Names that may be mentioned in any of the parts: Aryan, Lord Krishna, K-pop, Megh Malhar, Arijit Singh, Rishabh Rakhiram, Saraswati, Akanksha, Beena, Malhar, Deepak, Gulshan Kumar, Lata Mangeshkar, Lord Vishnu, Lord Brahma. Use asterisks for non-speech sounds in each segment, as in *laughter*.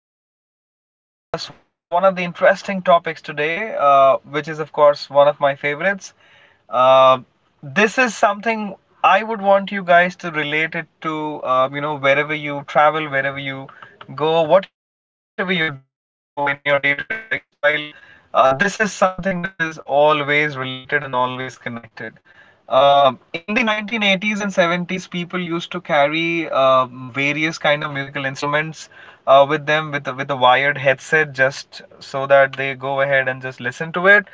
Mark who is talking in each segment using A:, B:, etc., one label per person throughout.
A: We are going to discuss one of the interesting topics today, which is, of course, one of my favorites. Uh, this is something I would want you guys to relate it to, wherever you travel, wherever you go, whatever you do in your day to day lifestyle. This is something which is always related and always connected. In the 1980s and 70s, people used to carry various kind of musical instruments with them with with a wired headset just so that they go ahead and just listen to it.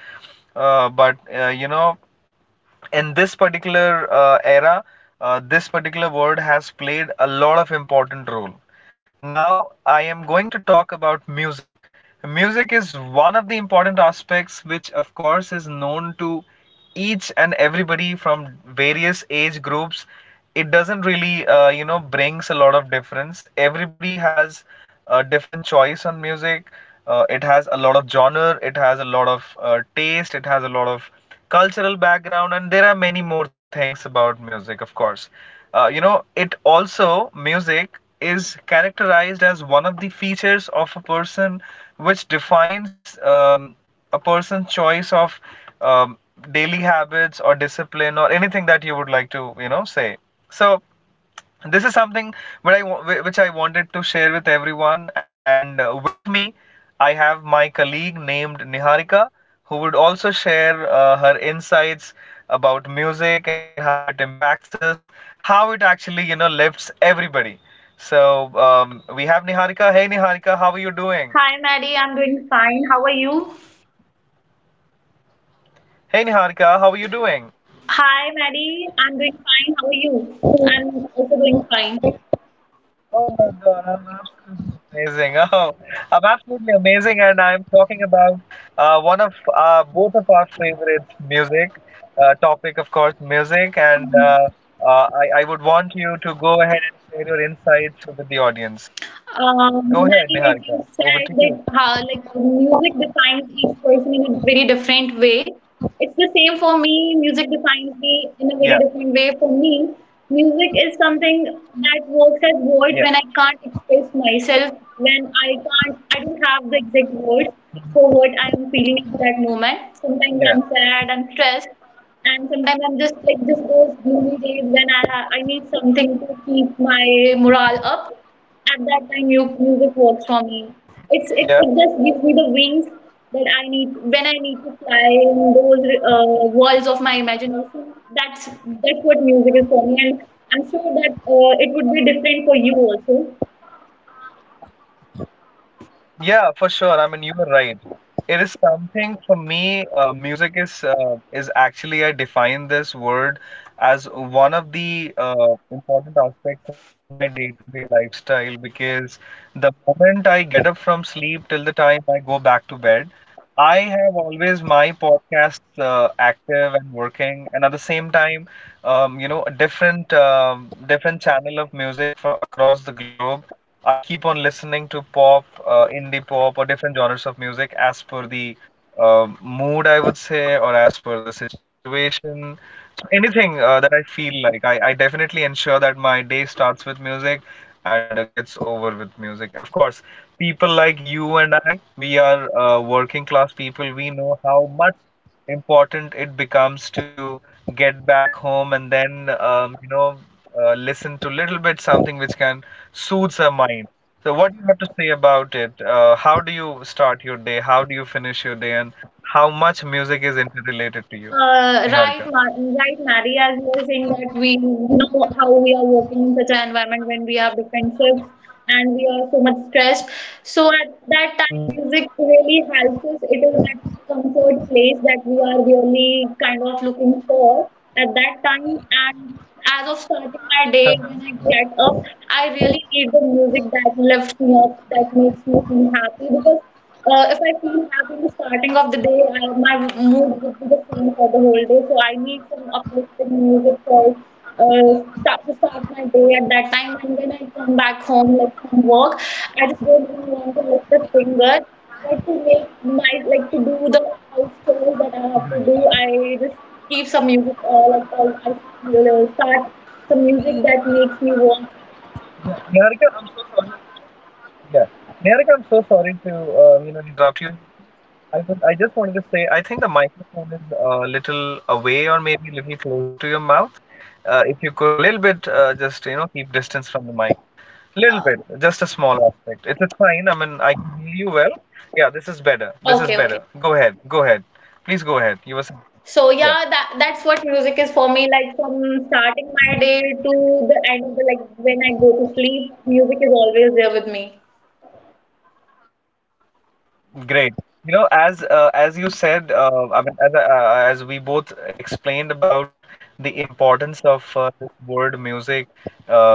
A: But in this particular era, this particular word has played a lot of important role. Now, I am going to talk about music. Music is one of the important aspects which, of course, is known to each and everybody from various age groups. It doesn't really, brings a lot of difference. Everybody has a different choice on music. It has a lot of genre, it has a lot of taste, it has a lot of cultural background, and there are many more things about music, of course. Uh, you know it also music is characterized as one of the features of a person which defines a person's choice of um, daily habits or discipline or anything that you would like to say. So this is something which I wanted to share with everyone. And with me, I have my colleague named Niharika, who would also share her insights about music and how it impacts us, how it actually lifts everybody. So we have Niharika. Hey Niharika, how are you doing?
B: Hi, Maddie. I'm doing fine. How are you?
A: Hey Niharika, how are you doing?
B: Hi, Maddie. I'm doing fine. How are you? I'm also doing fine.
A: Oh my God, I'm absolutely amazing. Oh, I'm absolutely amazing, and I'm talking about one of both of our favorite music topic, of course, music. And uh, I would want you to go ahead and share your insights with the audience. Go
B: Maddie, as
A: ahead,
B: you
A: Niharika.
B: said,
A: Over
B: that
A: to you.
B: how like music defines each person in a very different way. It's the same for me. Music defines me in a
A: Yeah,
B: very different way. For me, music is something that works as words when
A: yeah,
B: I can't express myself, when I don't have the exact words for what I'm feeling at that moment. Sometimes I'm
A: yeah,
B: sad, I'm stressed, and sometimes I'm just like just those gloomy days when I need something to keep my morale up. At that time, you music works for me. It's
A: yeah.
B: it, it just gives me the wings that I need when I need to fly in those walls of my imagination. That's what music is for me, and I'm sure that it would be different for you also.
A: Yeah, for sure. I mean, you were right. It is something for me. Music is actually I define this word as one of the important aspects in my day-to-day lifestyle because the moment I get up from sleep till the time I go back to bed, I have always my podcasts active and working, and at the same time, a different channel of music from across the globe. I keep on listening to pop, indie pop, or different genres of music as per the mood, I would say, or as per the situation. So anything that I feel like, I definitely ensure that my day starts with music and gets over with music. Of course, people like you and I, we are working class people. We know how much important it becomes to get back home and then, listen to little bit something which can soothe our mind. So, what do you have to say about it? How do you start your day? How do you finish your day? And how much music is interrelated to you,
B: Uh, right,
A: Niharika?
B: Ma- right, Mary, as you were saying that we, you know, how we are working in such an environment when we have different shifts and we are so much stressed. So at that time, music really helps us. It is that comfort place that we are really kind of looking for at that time. And as of starting my
A: Uh,
B: day, when I get up, I really need the music that lifts me up, that makes me feel happy because if I feel happy in the starting of the day, my mood would be the same for the whole day. So I need some uplifting music for start my day at that time. And when I come back home, like from work, I just don't even want to lift a finger. But to make my like to do the house chores that I have to do, I just keep some music or like or I start some music that makes me want.
A: Niharika, I'm so sorry. Yeah. Derek, I'm so sorry to interrupt you. I just wanted to say I think the microphone is a little away or maybe a little closer to your mouth. If you could little bit just you know keep distance from the mic, little bit, just a small aspect. It's fine. I mean I can hear you well. Yeah, this is better. This is better.
B: Okay.
A: Go ahead. Go ahead. Please go ahead. You were saying.
B: So
A: Yeah.
B: yeah, that's what music is for me. Like from starting my day to the end of the like when I go to sleep, music is always there with me.
A: Great. You know, as you said, I mean, as we both explained about the importance of this word music, uh,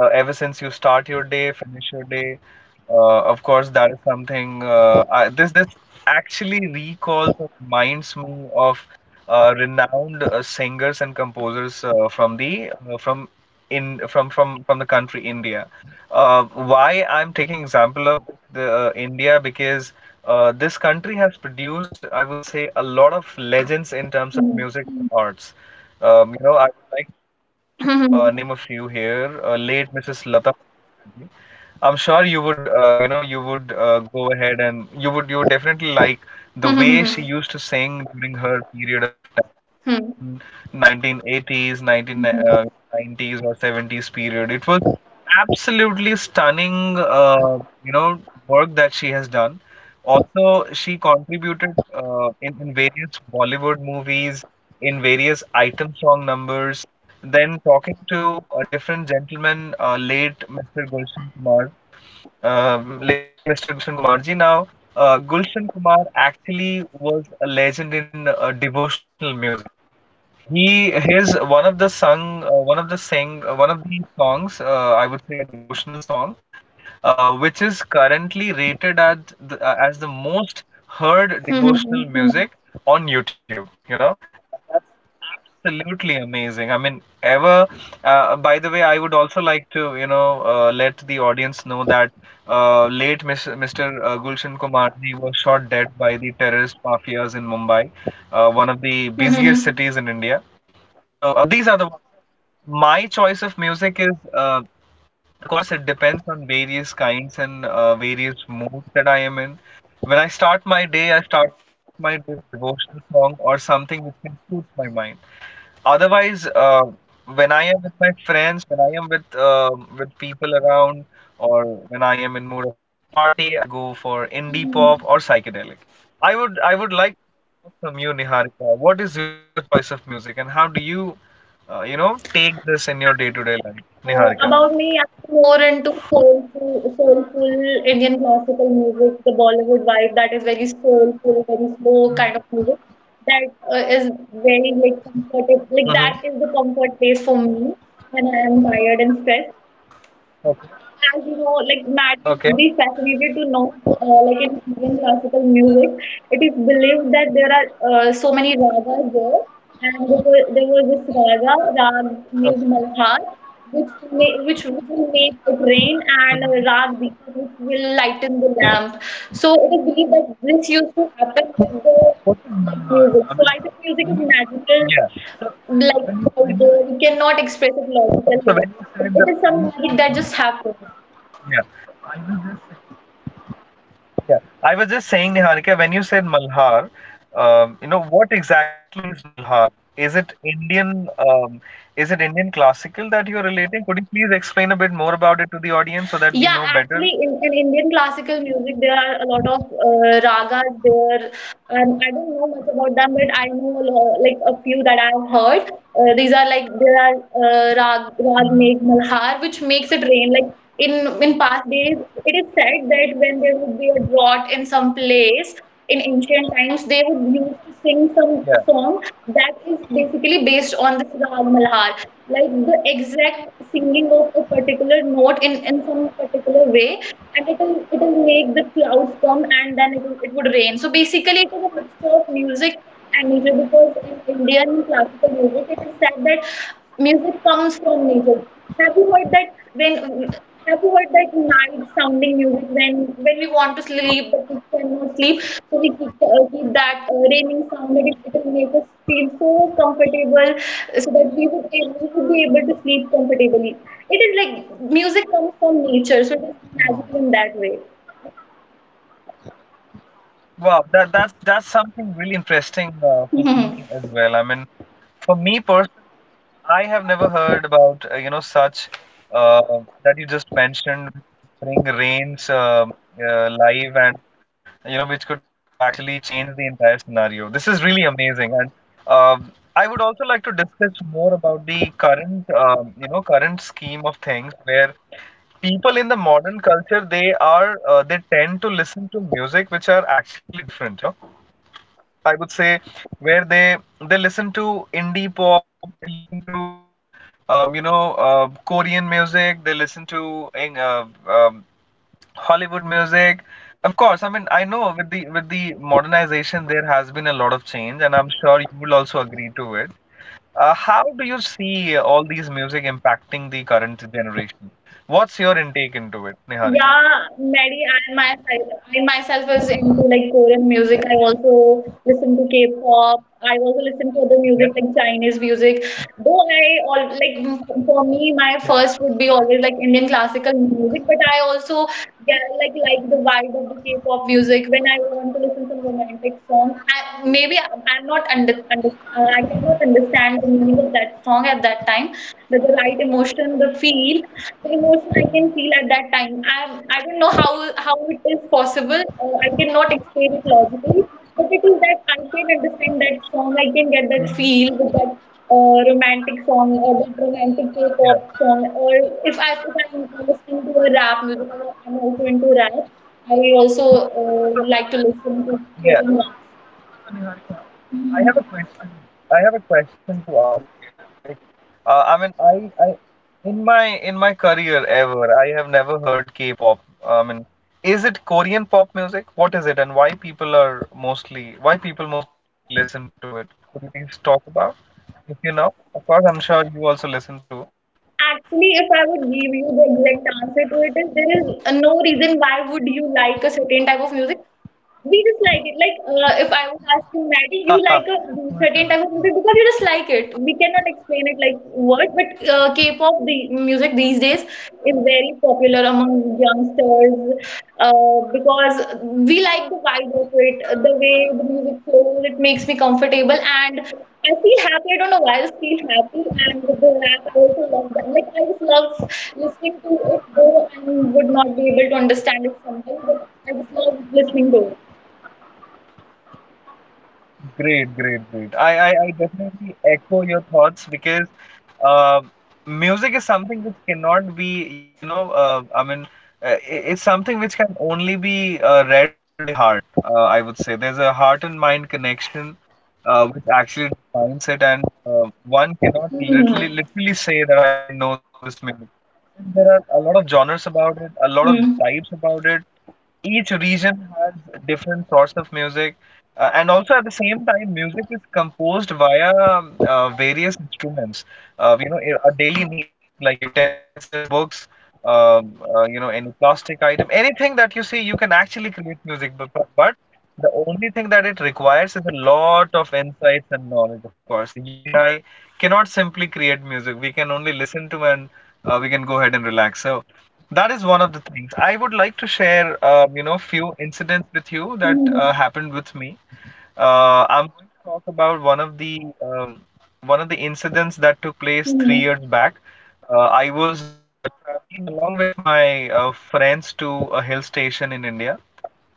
A: ever since you start your day, finish your day, of course, that is something. I, this actually recalls and reminds me of renowned singers and composers from the from in from from the country India. Why I'm taking example of the India, because this country has produced, I would say, a lot of legends in terms of music and
B: *laughs*
A: arts. I would like to name a
B: Hmm.
A: few here. Late Mrs. Lata Mangeshkar. I'm sure you would, you would go ahead and you would definitely like the way
B: Hmm.
A: she used to sing during her period of time.
B: Hmm. Hmm.
A: 1980s, 1990s, or 70s period. It was absolutely stunning, you know, work that she has done. Also, she contributed in various Bollywood movies, in various item song numbers. Then talking to a different gentleman, late Mr. Gulshan Kumar, late Mr. Gulshan Kumarji. Now, Gulshan Kumar actually was a legend in devotional music. He his one of the sung one of the sing one of the songs, I would say a devotional song, which is currently rated as the most heard
B: Hmm. Hmm.
A: devotional
B: Hmm.
A: music on YouTube. Absolutely amazing. I mean, ever. By the way, I would also like to let the audience know that late Mr. Gulshan Kumar ji was shot dead by the terrorist mafias in Mumbai, one of the busiest
B: Hmm.
A: cities in India. So these are the ones. My choice of music of course, it depends on various kinds and various moods that I am in. When I start my day, I start my day with devotional song or something which can soothe my mind. Otherwise, when I am with my friends, when I am with people around, or when I am in mood of party, I go for indie
B: Hmm.
A: pop or psychedelic. I would like to know from you, Niharika, what is your choice of music, and how do you, take this in your day-to-day life, Niharika?
B: About me, I'm more into soulful, soulful Indian classical music, the Bollywood vibe that is very soulful, very slow kind of music. That is very like comfortable. Like
A: Mm-hmm.
B: that is the comfort place for me when I am tired and stressed.
A: Okay.
B: As you know, like Maddie would
A: Okay.
B: be fascinated to know, like in Indian classical music, it is believed that there are so many ragas there, and there was this rag Megh
A: Okay.
B: Malhar, which which will make it rain, and a rag
A: Hmm.
B: Deepak, which will lighten the lamp. So it is believed that this used to happen with the
A: What is
B: like
A: Malhar? I
B: music.
A: mean,
B: So I think music
A: when
B: is
A: you—
B: magical,
A: Yeah. So
B: like out
A: when you
B: there. We cannot express it logical
A: So
B: here.
A: when you
B: It,
A: said the
B: it is
A: when
B: some
A: you
B: magic that
A: say—
B: just happens.
A: Yeah. Yeah. I was just saying, Niharika, when you said Malhar, what exactly is Malhar? Is it Indian, um, is it Indian classical that you're relating? Could you please explain a bit more about it to the audience so that we
B: Yeah,
A: know better?
B: actually, in Indian classical music, there are a lot of ragas there. I don't know much about them, but I know like a few that I've heard. These are like there are rag Rag Meg Malhar, which makes it rain. Like in past days, it is said that when there would be a drought in some place in ancient times, they would used to sing some
A: Yeah.
B: song that is basically based on this rag Malhar, like the exact singing of a particular note in some particular way, and it'll make the clouds come, and then it would rain. So basically it is a mixture of music and nature, because in Indian classical music it is said that music comes from nature. Have you heard that night sounding music when we want to sleep but we cannot sleep, so we keep, that raining sound, and it will make us feel so comfortable, so that we would be able to sleep comfortably. It is like music comes from nature, so it is
A: Wow.
B: magical in that way.
A: Wow, that's something really interesting for
B: Mhm.
A: me as well. I mean, for me personally, I have never heard about such, uh, that you just mentioned, bring rains live, and which could actually change the entire scenario. This is really amazing, and I would also like to discuss more about the current, current scheme of things, where people in the modern culture, they are they tend to listen to music which are actually different, I would say, where they listen to indie pop, they listen to Korean music, they listen to Hollywood music. Of course, I mean I know, with the modernization there has been a lot of change, and I'm sure you will also agree to it. How do you see all these music impacting the current generation? What's your intake into it, Niharika?
B: Yeah, Mary, I myself is into like Korean music. I also listen to K-pop. I also listen to other music
A: Yeah.
B: like Chinese music. Though I all like for me, my first
A: Great.
B: would be always like Indian classical music. But I also get like the vibe of the K-pop music when I want to listen beautiful romantic song. Maybe I'm not under I cannot understand the meaning of that song at that time. The right emotion, the feel, the emotion I can feel at that time. I don't know how it is possible. I cannot explain it logically, but it is that I can understand that song. I can get that feel with that romantic song or that romantic K-pop
A: Yeah,
B: song, or if I if I'm listening to a rap music, I'm also into rap. I also like to listen to
A: yeah.
B: story notes.
A: Niharika,
B: Mhm.
A: I have a question. I have a question to ask you, right? I mean, in my in my career ever, I have never heard K-pop. I mean, is it Korean pop music? What is it, and why people mostly listen to it? Could you please talk about? If you know, of course, I'm sure you also listen to.
B: Actually, if I would give you the exact answer to it, is there is no reason why would you like a certain type of music. We just like it. Like, if I was asking Maddie, you like
A: Yeah,
B: a
A: for sure.
B: certain type of
A: Yeah.
B: music because you just like it. We cannot explain it like words, but K-pop the music these days is very popular among youngsters because we like the vibe of it, the way the music flows. It makes me comfortable, and I feel happy. I don't know why I just feel happy. And the rap, I also love that. Like, I just love listening to it, though I would not be able to understand it sometimes, but I just love listening to it.
A: Great, great, great. I definitely echo your thoughts because uh, music is something which cannot be, I mean, uh, i- it's something which can only be read by heart, I would say. There's a heart and mind connection, which actually defines it, and one cannot literally, literally say that I know this music. There are a lot of genres about it, a lot of types about it. Each region has different sorts of music, and also at the same time, music is composed via various instruments. Uh, you know, our daily needs like utensils, books, any plastic item, anything that you see, you can actually create music. But the only thing that it requires is a lot of insights and knowledge, of course. You and I cannot simply create music. We can only listen to and we can go ahead and relax. So that is one of the things. I would like to share, few incidents with you that happened with me. I'm going to talk about one of the one of the incidents that took place 3 years back. I was traveling along with my friends to a hill station in India.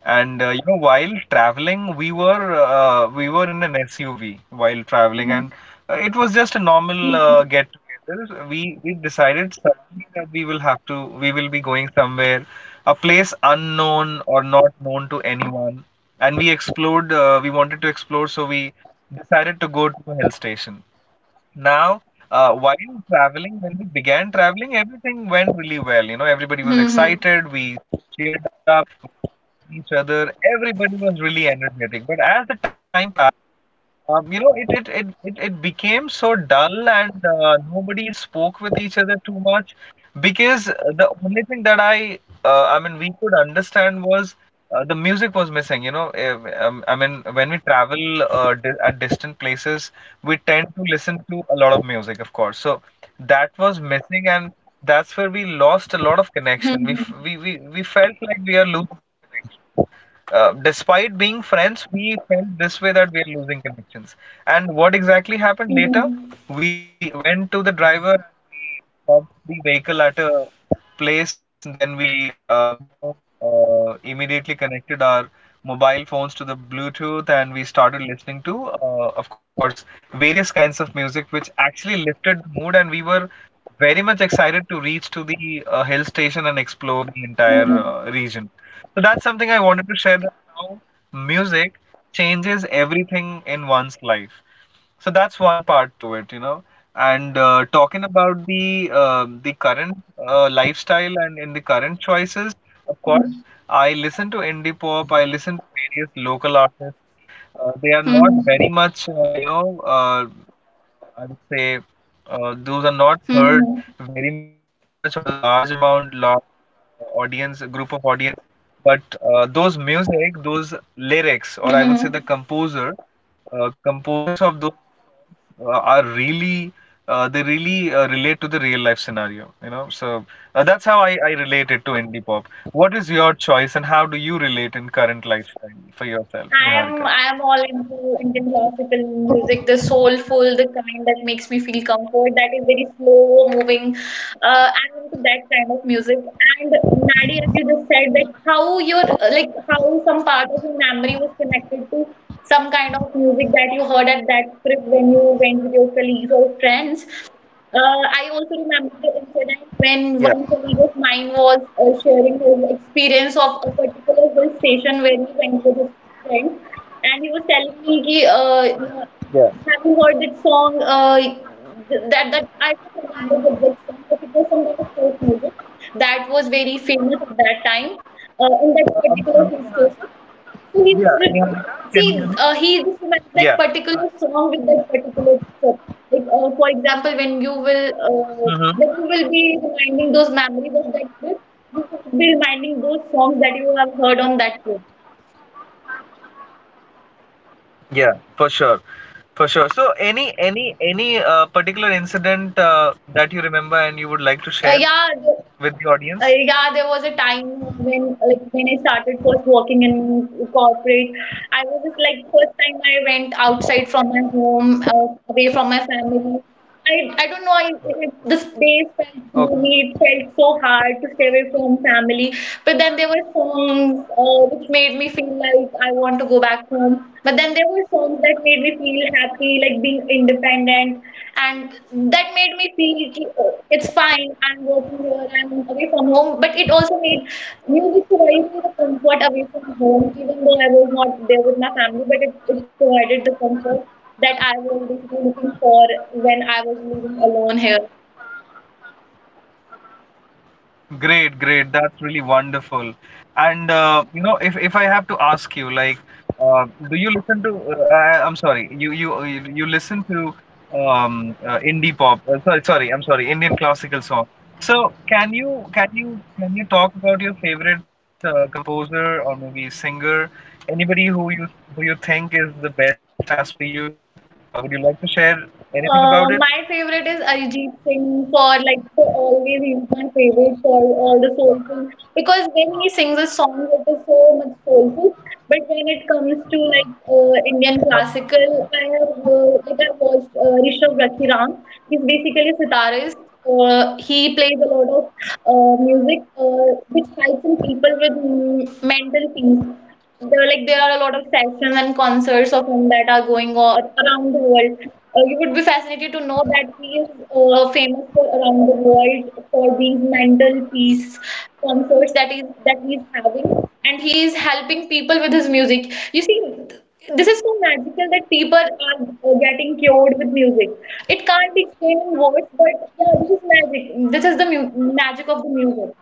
A: And while traveling, we were in an SUV while traveling, and it was just a normal get-together. We decided suddenly that we will be going somewhere, a place unknown or not known to anyone, and we explored. We wanted to explore, so we decided to go to a hill station. Now, while traveling, when we began traveling, everything went really well. You know, everybody was excited. We cheered up each other. Everybody was really energetic. But as the time passed, it became so dull and nobody spoke with each other too much because the only thing that we could understand was the music was missing. You know, when we travel di at distant places, we tend to listen to a lot of music, of course. So that was missing and that's where we lost a lot of connection.
B: Mm-hmm.
A: We felt like we are losing. Despite being friends, we felt this way that we are losing connections. And what exactly happened later? We went to the driver, we stopped the vehicle at a place, and then we immediately connected our mobile phones to the Bluetooth and we started listening to, of course, various kinds of music, which actually lifted the mood. And we were very much excited to reach to the hill station and explore the entire region. So that's something I wanted to share, that how music changes everything in one's life. So that's one part to it. And talking about the current lifestyle and in the current choices, of course, I listen to indie pop. I listen to various local artists. They are not very much, you know, I would say those are not heard very much or the large amount, large audience, group of audience. But those music, those lyrics, or I would say composers of those are really they really relate to the real life scenario. You know, so that's how I relate it to indie pop. What is your choice, and how do you relate in current lifestyle for yourself, Niharika?
B: I am all into Indian classical music, the soulful, the kind that makes me feel comfort, that is very slow moving. I'm into that kind of music. And Maddie, as you just said, that how your like how some part of your memory was connected to some kind of music that you heard at that trip when you went with your colleagues or friends. I also remember the incident when one
A: Yeah,
B: colleague of mine was sharing his experience of a particular hill station where he went with his friend, and he was telling me, ki, you know,
A: yeah,
B: "Have you heard that song? That I don't remember the exact song, but it was some kind of folk music that was very famous at that time in that particular hill station." So
A: yeah, Niharika, can you hear me?
B: he just remembered
A: Yeah.
B: that particular song with that particular trip. Like for example, when
A: Mm-hmm.
B: you will be reminding those memories of that trip, you will be reminding those songs that you have heard on that trip.
A: Yeah, for sure. For sure. So any particular incident that you remember and you would like to
B: Uh,
A: share
B: yeah,
A: with the
B: Uh,
A: audience?
B: yeah, there was a time when like when I started first working in corporate, I was just like first time I went outside from my home, away from my family. I don't know. This days felt
A: Okay.
B: gloomy. It felt so hard to stay away from family. But then there were songs which made me feel like I want to go back home. But then there were songs that made me feel happy, like being independent, and that made me feel कि, oh, it's fine. I'm working here. I'm away from home. But it also made music provided me the comfort away from home, even though I was not there with my family. But it provided the comfort that I was basically looking for when I was living alone here.
A: Great, great. That's really wonderful. And if I have to ask you, like, do you listen to? I, I'm sorry, you listen to indie pop. Sorry, sorry. I'm sorry, Indian classical song. So can you talk about your favorite composer or maybe singer? Anybody who you think is the best as per you? Would you like to share anything about it?
B: My favorite is Arijit Singh, for like for always he's my favorite for all the soulful, because when he sings a song, it is so much soulful. But when it comes to like Indian classical, I have like I watched Rishabh Rakhiram. He's basically a sitarist. He plays a lot of music. Fights and people with mental peace. There, like there are a lot of sessions and concerts of him that are going on around the world. You would be fascinated to know that he is famous for around the world for these mental peace concerts that is that he is having, and he is helping people with his music. You see, th- this is so magical that people are getting cured with music. It can't be explained in words, but yeah, this is magic. This is the magic of the music.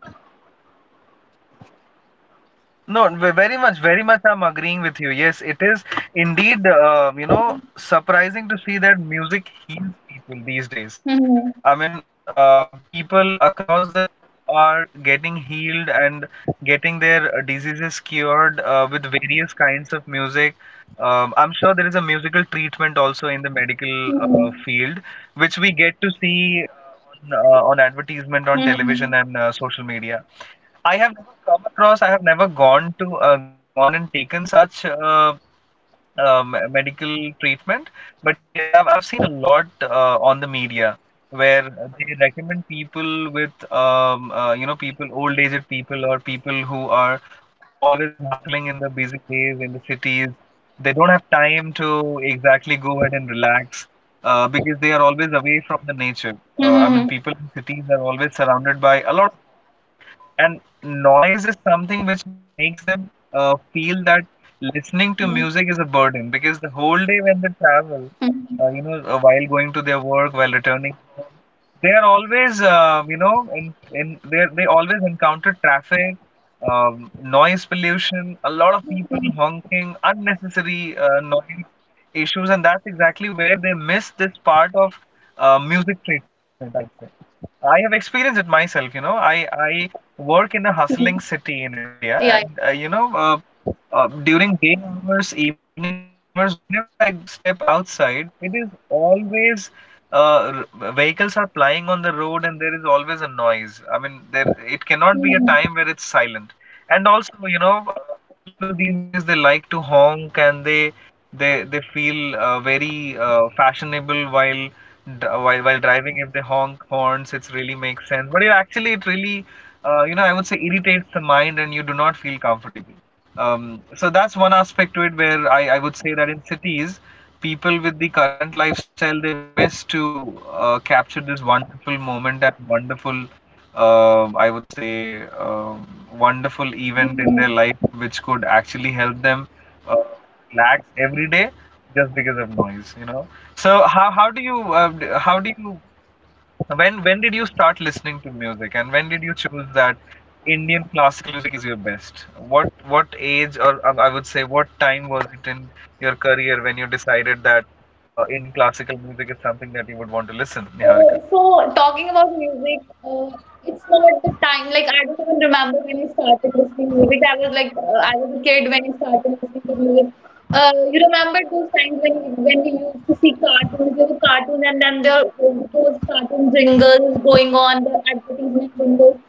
A: No, ve- Very much, very much. I'm agreeing with you. Yes, it is indeed, surprising to see that music heals people these days.
B: Mhm.
A: I mean, people across the are getting healed and getting their diseases cured with various kinds of music. I'm sure there is a musical treatment also in the medical
B: 嗯
A: field, which we get to see on advertisement on television
B: 嗯
A: and social media. I have never come across, I have never gone to gone and taken such medical treatment. But yes, I've seen a lot on the media where they recommend people with people, old aged people or people who are always hustling in the busy days in the cities. They don't have time to exactly go ahead and relax because they are always away from the nature. I mean,
B: 嗯嗯
A: people in cities are always surrounded by a lot, and noise is something which makes them feel that listening to
B: 嗯
A: music is a burden because the whole day when they travel, while going to their work, while returning, they are always, you know, in they always encounter traffic, noise pollution, a lot of
B: 嗯
A: people honking, unnecessary noise issues, and that's exactly where they miss this part of music treatment, I would say. I have experienced it myself, you know. I work in a
B: 嗯，
A: hustling city in
B: 哎
A: India,
B: 呀，
A: and during day hours, evening hours, whenever I step outside, it is always vehicles are plying on the road, and there is always a noise. I mean, there it cannot be
B: 嗯
A: a time where it's silent. And also, you know, people these days they like to honk, and they feel very fashionable while while driving. If they honk horns, it really makes sense, but it actually it really I would say irritates the mind and you do not feel comfortable. So that's one aspect to it, where I would say that in cities people with the current lifestyle, they miss to capture this wonderful moment and wonderful I would say wonderful event in their
B: 嗯。
A: life, which could actually help them uh, relax every day just because of noise, you know. So how do you how do you when did you start listening to music and when did you choose that Indian classical music is your best? What age or I would say what time was it in your career when you decided that Indian classical music is something that you would want to listen, Niharika?
B: So talking about music, it's not the time. Like I don't even remember when I started listening music. I was like I was a kid when I started listening to music. You remember those times when we used to see cartoons? There were cartoons, and then there were those cartoon jingles going on, the advertisement jingles.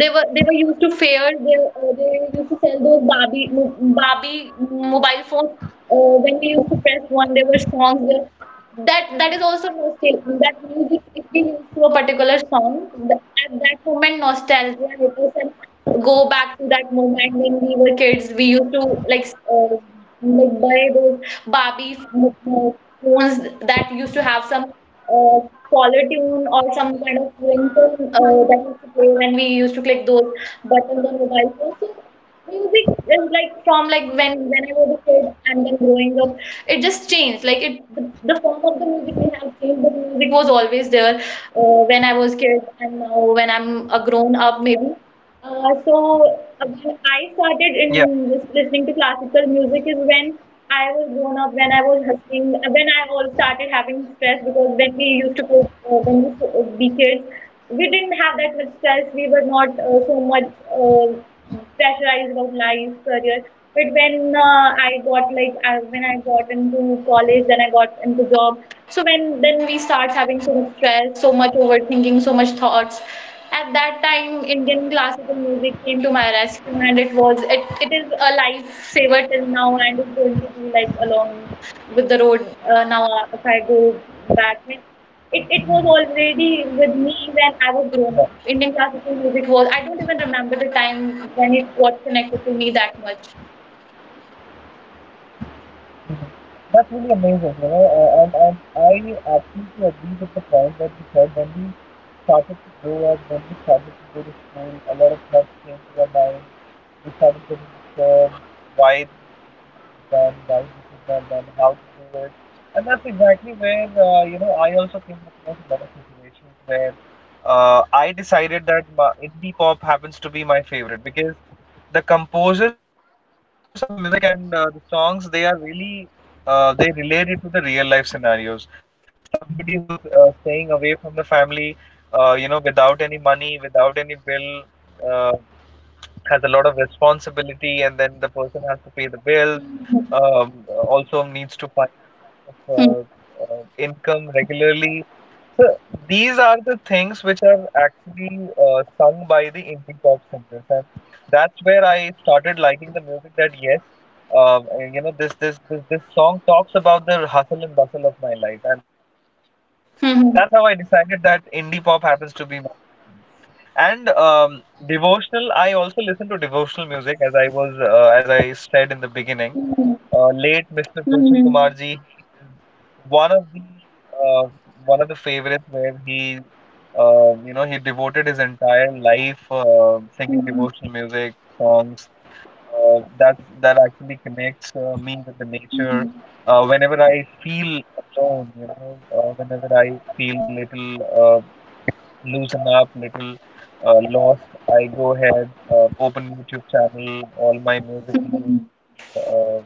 B: They were used to fairs. They used to sell those Barbie mobile phones. When we used to press one, there were songs there. That is also nostalgia. That music, if we used to a particular song, at that moment, nostalgia hit us and go back to that moment when we were kids. We used to like s- uh, like buy those Barbie phones that used to have some uh, caller tune or some kind of ringtone that used to play when we used to click those buttons on mobile phones. So music is like from like when I was a kid and then growing up, it just changed. Like the form of the music may have changed, but music was always there when I was kid, and now when I'm a grown up, maybe. Uh, so when I started
A: Yeah.
B: listening to classical music is when I was grown up, when I was hustling, when I all started having stress because when we used to play, be kids, we didn't have that much stress. We were not so much uh, pressurized about life, career. But when I got into college, then I got into job. So when then we start having so much stress, so much overthinking, so much thoughts. At that time, Indian classical music came to my rescue, and it is a lifesaver till now, and it's going to be like along with the road now. If I go back, it was already with me when I
A: Yeah.
B: was grown up. Indian classical music was, I don't even remember the time when it got connected to me that much.
A: Mhm. That's really amazing, you know, and I absolutely agree with the point that you said. When we started to grow up, when we started to go to school, a lot of thoughts came to our mind, we started putting this why this is done, why this is done, and how to do it. And that's exactly where I also came across a lot of situations where I decided that my indie pop happens to be my favorite, because the composers of the music and the songs they are really they relate it to the real life scenarios. Somebody who's staying away from the family, without any money, without any bill, uh, has a lot of responsibility, and then the person has to pay the bills.
B: Hmm.
A: Um, Also needs to find uh, uh,
B: Hmm.
A: income regularly. So these are the things which are actually sung by the indie pop singers, and that's where I started liking the music. That yes, um, this this song talks about the hustle and bustle of my life, and that's how I
B: Hmm.
A: decided that indie pop happens to be my. And devotional, I also listen to devotional music, as I was as I said in the beginning.
B: Hmm.
A: Late Mr. Gulshan Kumar ji, one of the uh, one of the favorites, where he he devoted his entire life singing devotional music songs. That that actually connects me with the nature.
B: Hmm.
A: Whenever I feel alone, whenever I feel little uh, loosen up, little lost, I go ahead, open YouTube channel, all my
B: Hmm.
A: musical uh,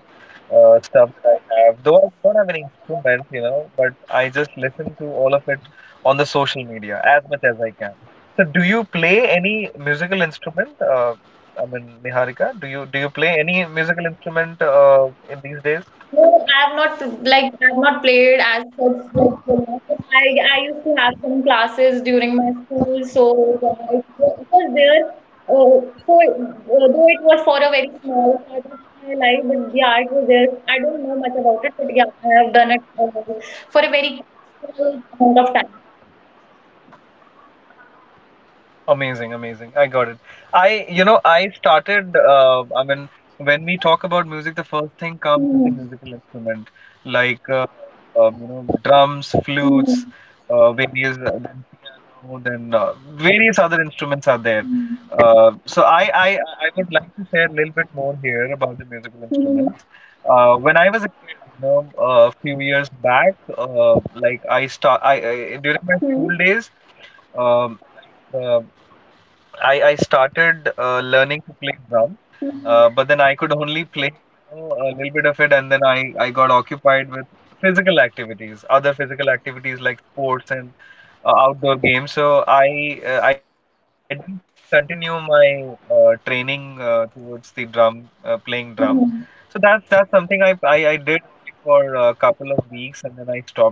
A: uh, stuff that I have. Though I don't have any instruments, you know, but I just listen to all of it on the social media as much as I can. So, do you play any musical instrument? I mean, Niharika, do you play any musical instrument in these days?
B: No, I've not like I've not played as such like till now, but I used to have some classes during my school, so it was there. Uh, though it was for a very small part of my life, but yeah, it was there. I don't know much about it, but yeah, I have done it for a very small amount of time.
A: Amazing, amazing. I got it. I, you know, I started, I mean, when we talk about music, the first thing comes is the
B: Hmm.
A: musical instrument, like, drums,
B: Hmm.
A: flutes, then piano, then various other instruments are there.
B: Hmm.
A: So I would like to share a little bit more here about the musical
B: Hmm.
A: instruments. When I was a kid, you know, a few years back, I during my school
B: Hmm.
A: days um the I started learning to play drum,
B: Hmm.
A: but then I could only play, you know, a little bit of it, and then I got occupied with physical activities, other physical activities like sports and outdoor games. So I didn't continue my training towards the drum playing drum. So
B: Mhm.
A: that's something I did for a couple of weeks, and then I stopped it.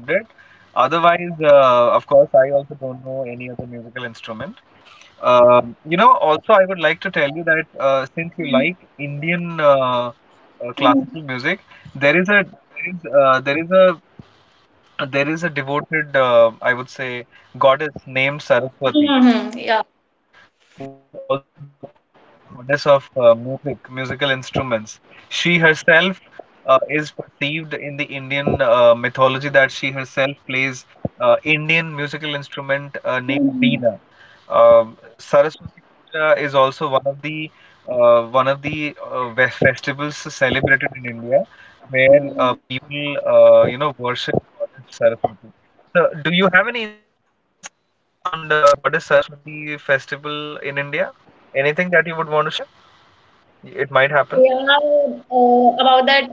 A: Otherwise, of course, I also don't know any other musical instrument. You know, also I would like to tell you that since you like
B: Mhm.
A: Indian classical
B: Mhm.
A: music, there is a there is, uh, there is a there is a devoted, I would say, goddess named
B: Mm-hmm. Yeah.
A: Saraswati, who is also known as goddess of music, musical instruments. She herself is perceived in the Indian mythology that she herself plays Indian musical instrument named
B: Mhm.
A: Beena. Saraswati Puja is also one of the festivals celebrated in India, where
B: Mhm.
A: people, worship Goddess Saraswati. So, do you have any incident around Goddess Saraswati festival in India? Anything that you would want to share? It might happen.
B: Yeah, about that,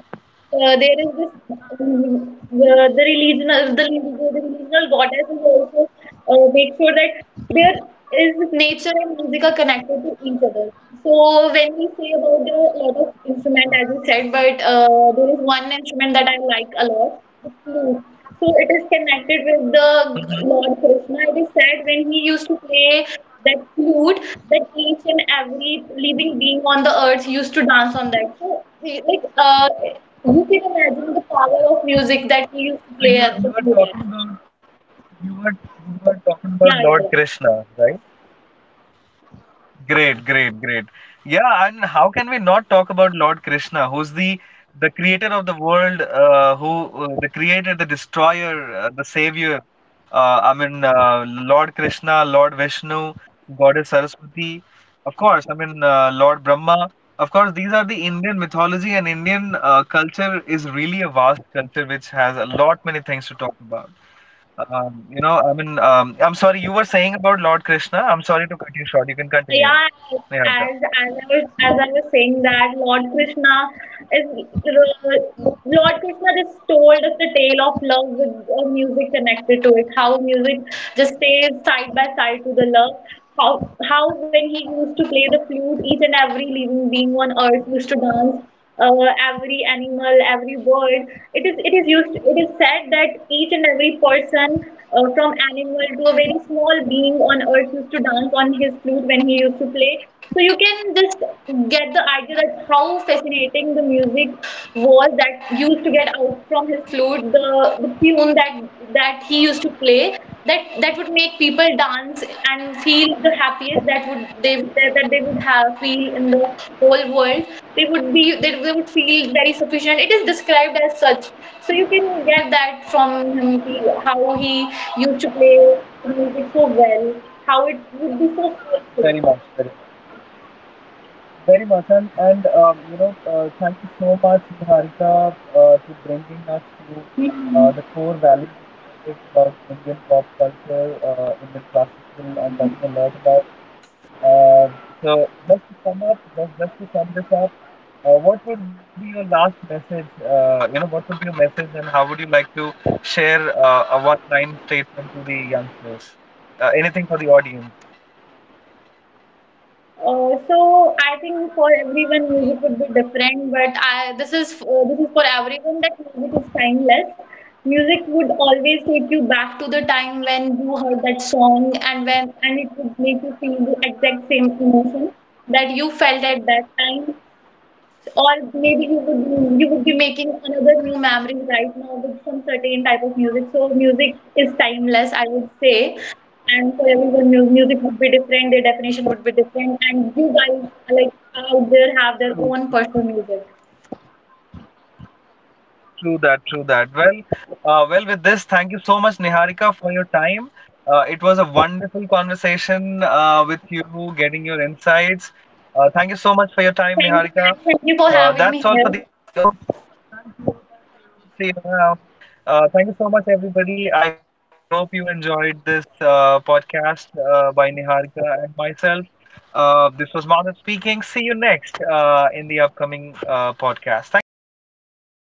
B: there is this the religion, the, the regional goddesses also make sure that there is nature and music are connected to each other. So when we say about the lot of instrument, as you said, but there is one instrument that I like a lot, the flute. So it is connected with
A: Mhm.
B: the Lord Krishna. It is said when he used to play that flute, that each and every living being on the earth used to dance on that. So you can imagine the power of music that he used to
A: So you
B: play
A: were, you
B: at the
A: were
B: flute.
A: talking
B: At.
A: about you were you were talking about
B: Yeah,
A: Lord
B: yeah, yeah.
A: Krishna, right? Great, great, great. Yeah, and how can we not talk about Lord Krishna, who's the creator of the world, who the creator, the destroyer, the savior. I mean, Lord Krishna, Lord Vishnu, Goddess Saraswati. Of course, I mean, Lord Brahma. Of course, these are the Indian mythology, and Indian culture is really a vast culture which has a lot many things to talk about. I'm sorry, you were saying about Lord Krishna. I'm sorry to cut you short. You can continue,
B: Yeah,
A: Niharika.
B: as I was saying that Lord Krishna just told us the tale of love with music connected to it. How music just stays side by side to the love. How when he used to play the flute, each and every living being on earth used to dance every animal, every bird. It is used. It is said that each and every person, from animal to a very small being on earth, used to dance on his flute when he used to play. So you can just get the idea that how fascinating the music was that used to get out from his flute, the tune that he used to play that that would make people dance and feel the happiest that that they would have feel in the whole world, they would feel very sufficient, it is described as such. So you can get that from him, how he used to play music so well, how it would be so
A: Very much,
B: forceful.
A: very much. Very much, and thank you so much, Niharika, to bringing us to the
B: Mhm.
A: core values of music about Indian pop culture, Indian classical, and talking a lot about. Um so just to sum up, just to sum this up, what would be your last message? What would be your message, and how would you like to share a one-line statement to the youngsters? Anything for the audience.
B: So I think for everyone music would be different, but this is for everyone that music is timeless. Music would always take you back to the time when you heard that song and when and it would make you feel the exact same emotion that you felt at that time. Or maybe you would be making another new memory right now with some certain type of music. So music is timeless, I would say. And for everyone, music would be different. Their definition would be different. And you guys, like out there, have their own personal music.
A: True that, true that. Well, with this, thank you so much, Niharika, for your time. It was a wonderful conversation with you, getting your insights. Thank you so much for your time, Niharika.
B: Thank you, Maddie. Thank
A: That's
B: you
A: all for
B: for
A: the
B: having
A: audience.
B: me here.
A: See you around. Thank you so much, everybody. I hope you enjoyed this podcast by Niharika and myself. This was Madhav speaking. See you next in the upcoming podcast. Thank you so much. Bye bye.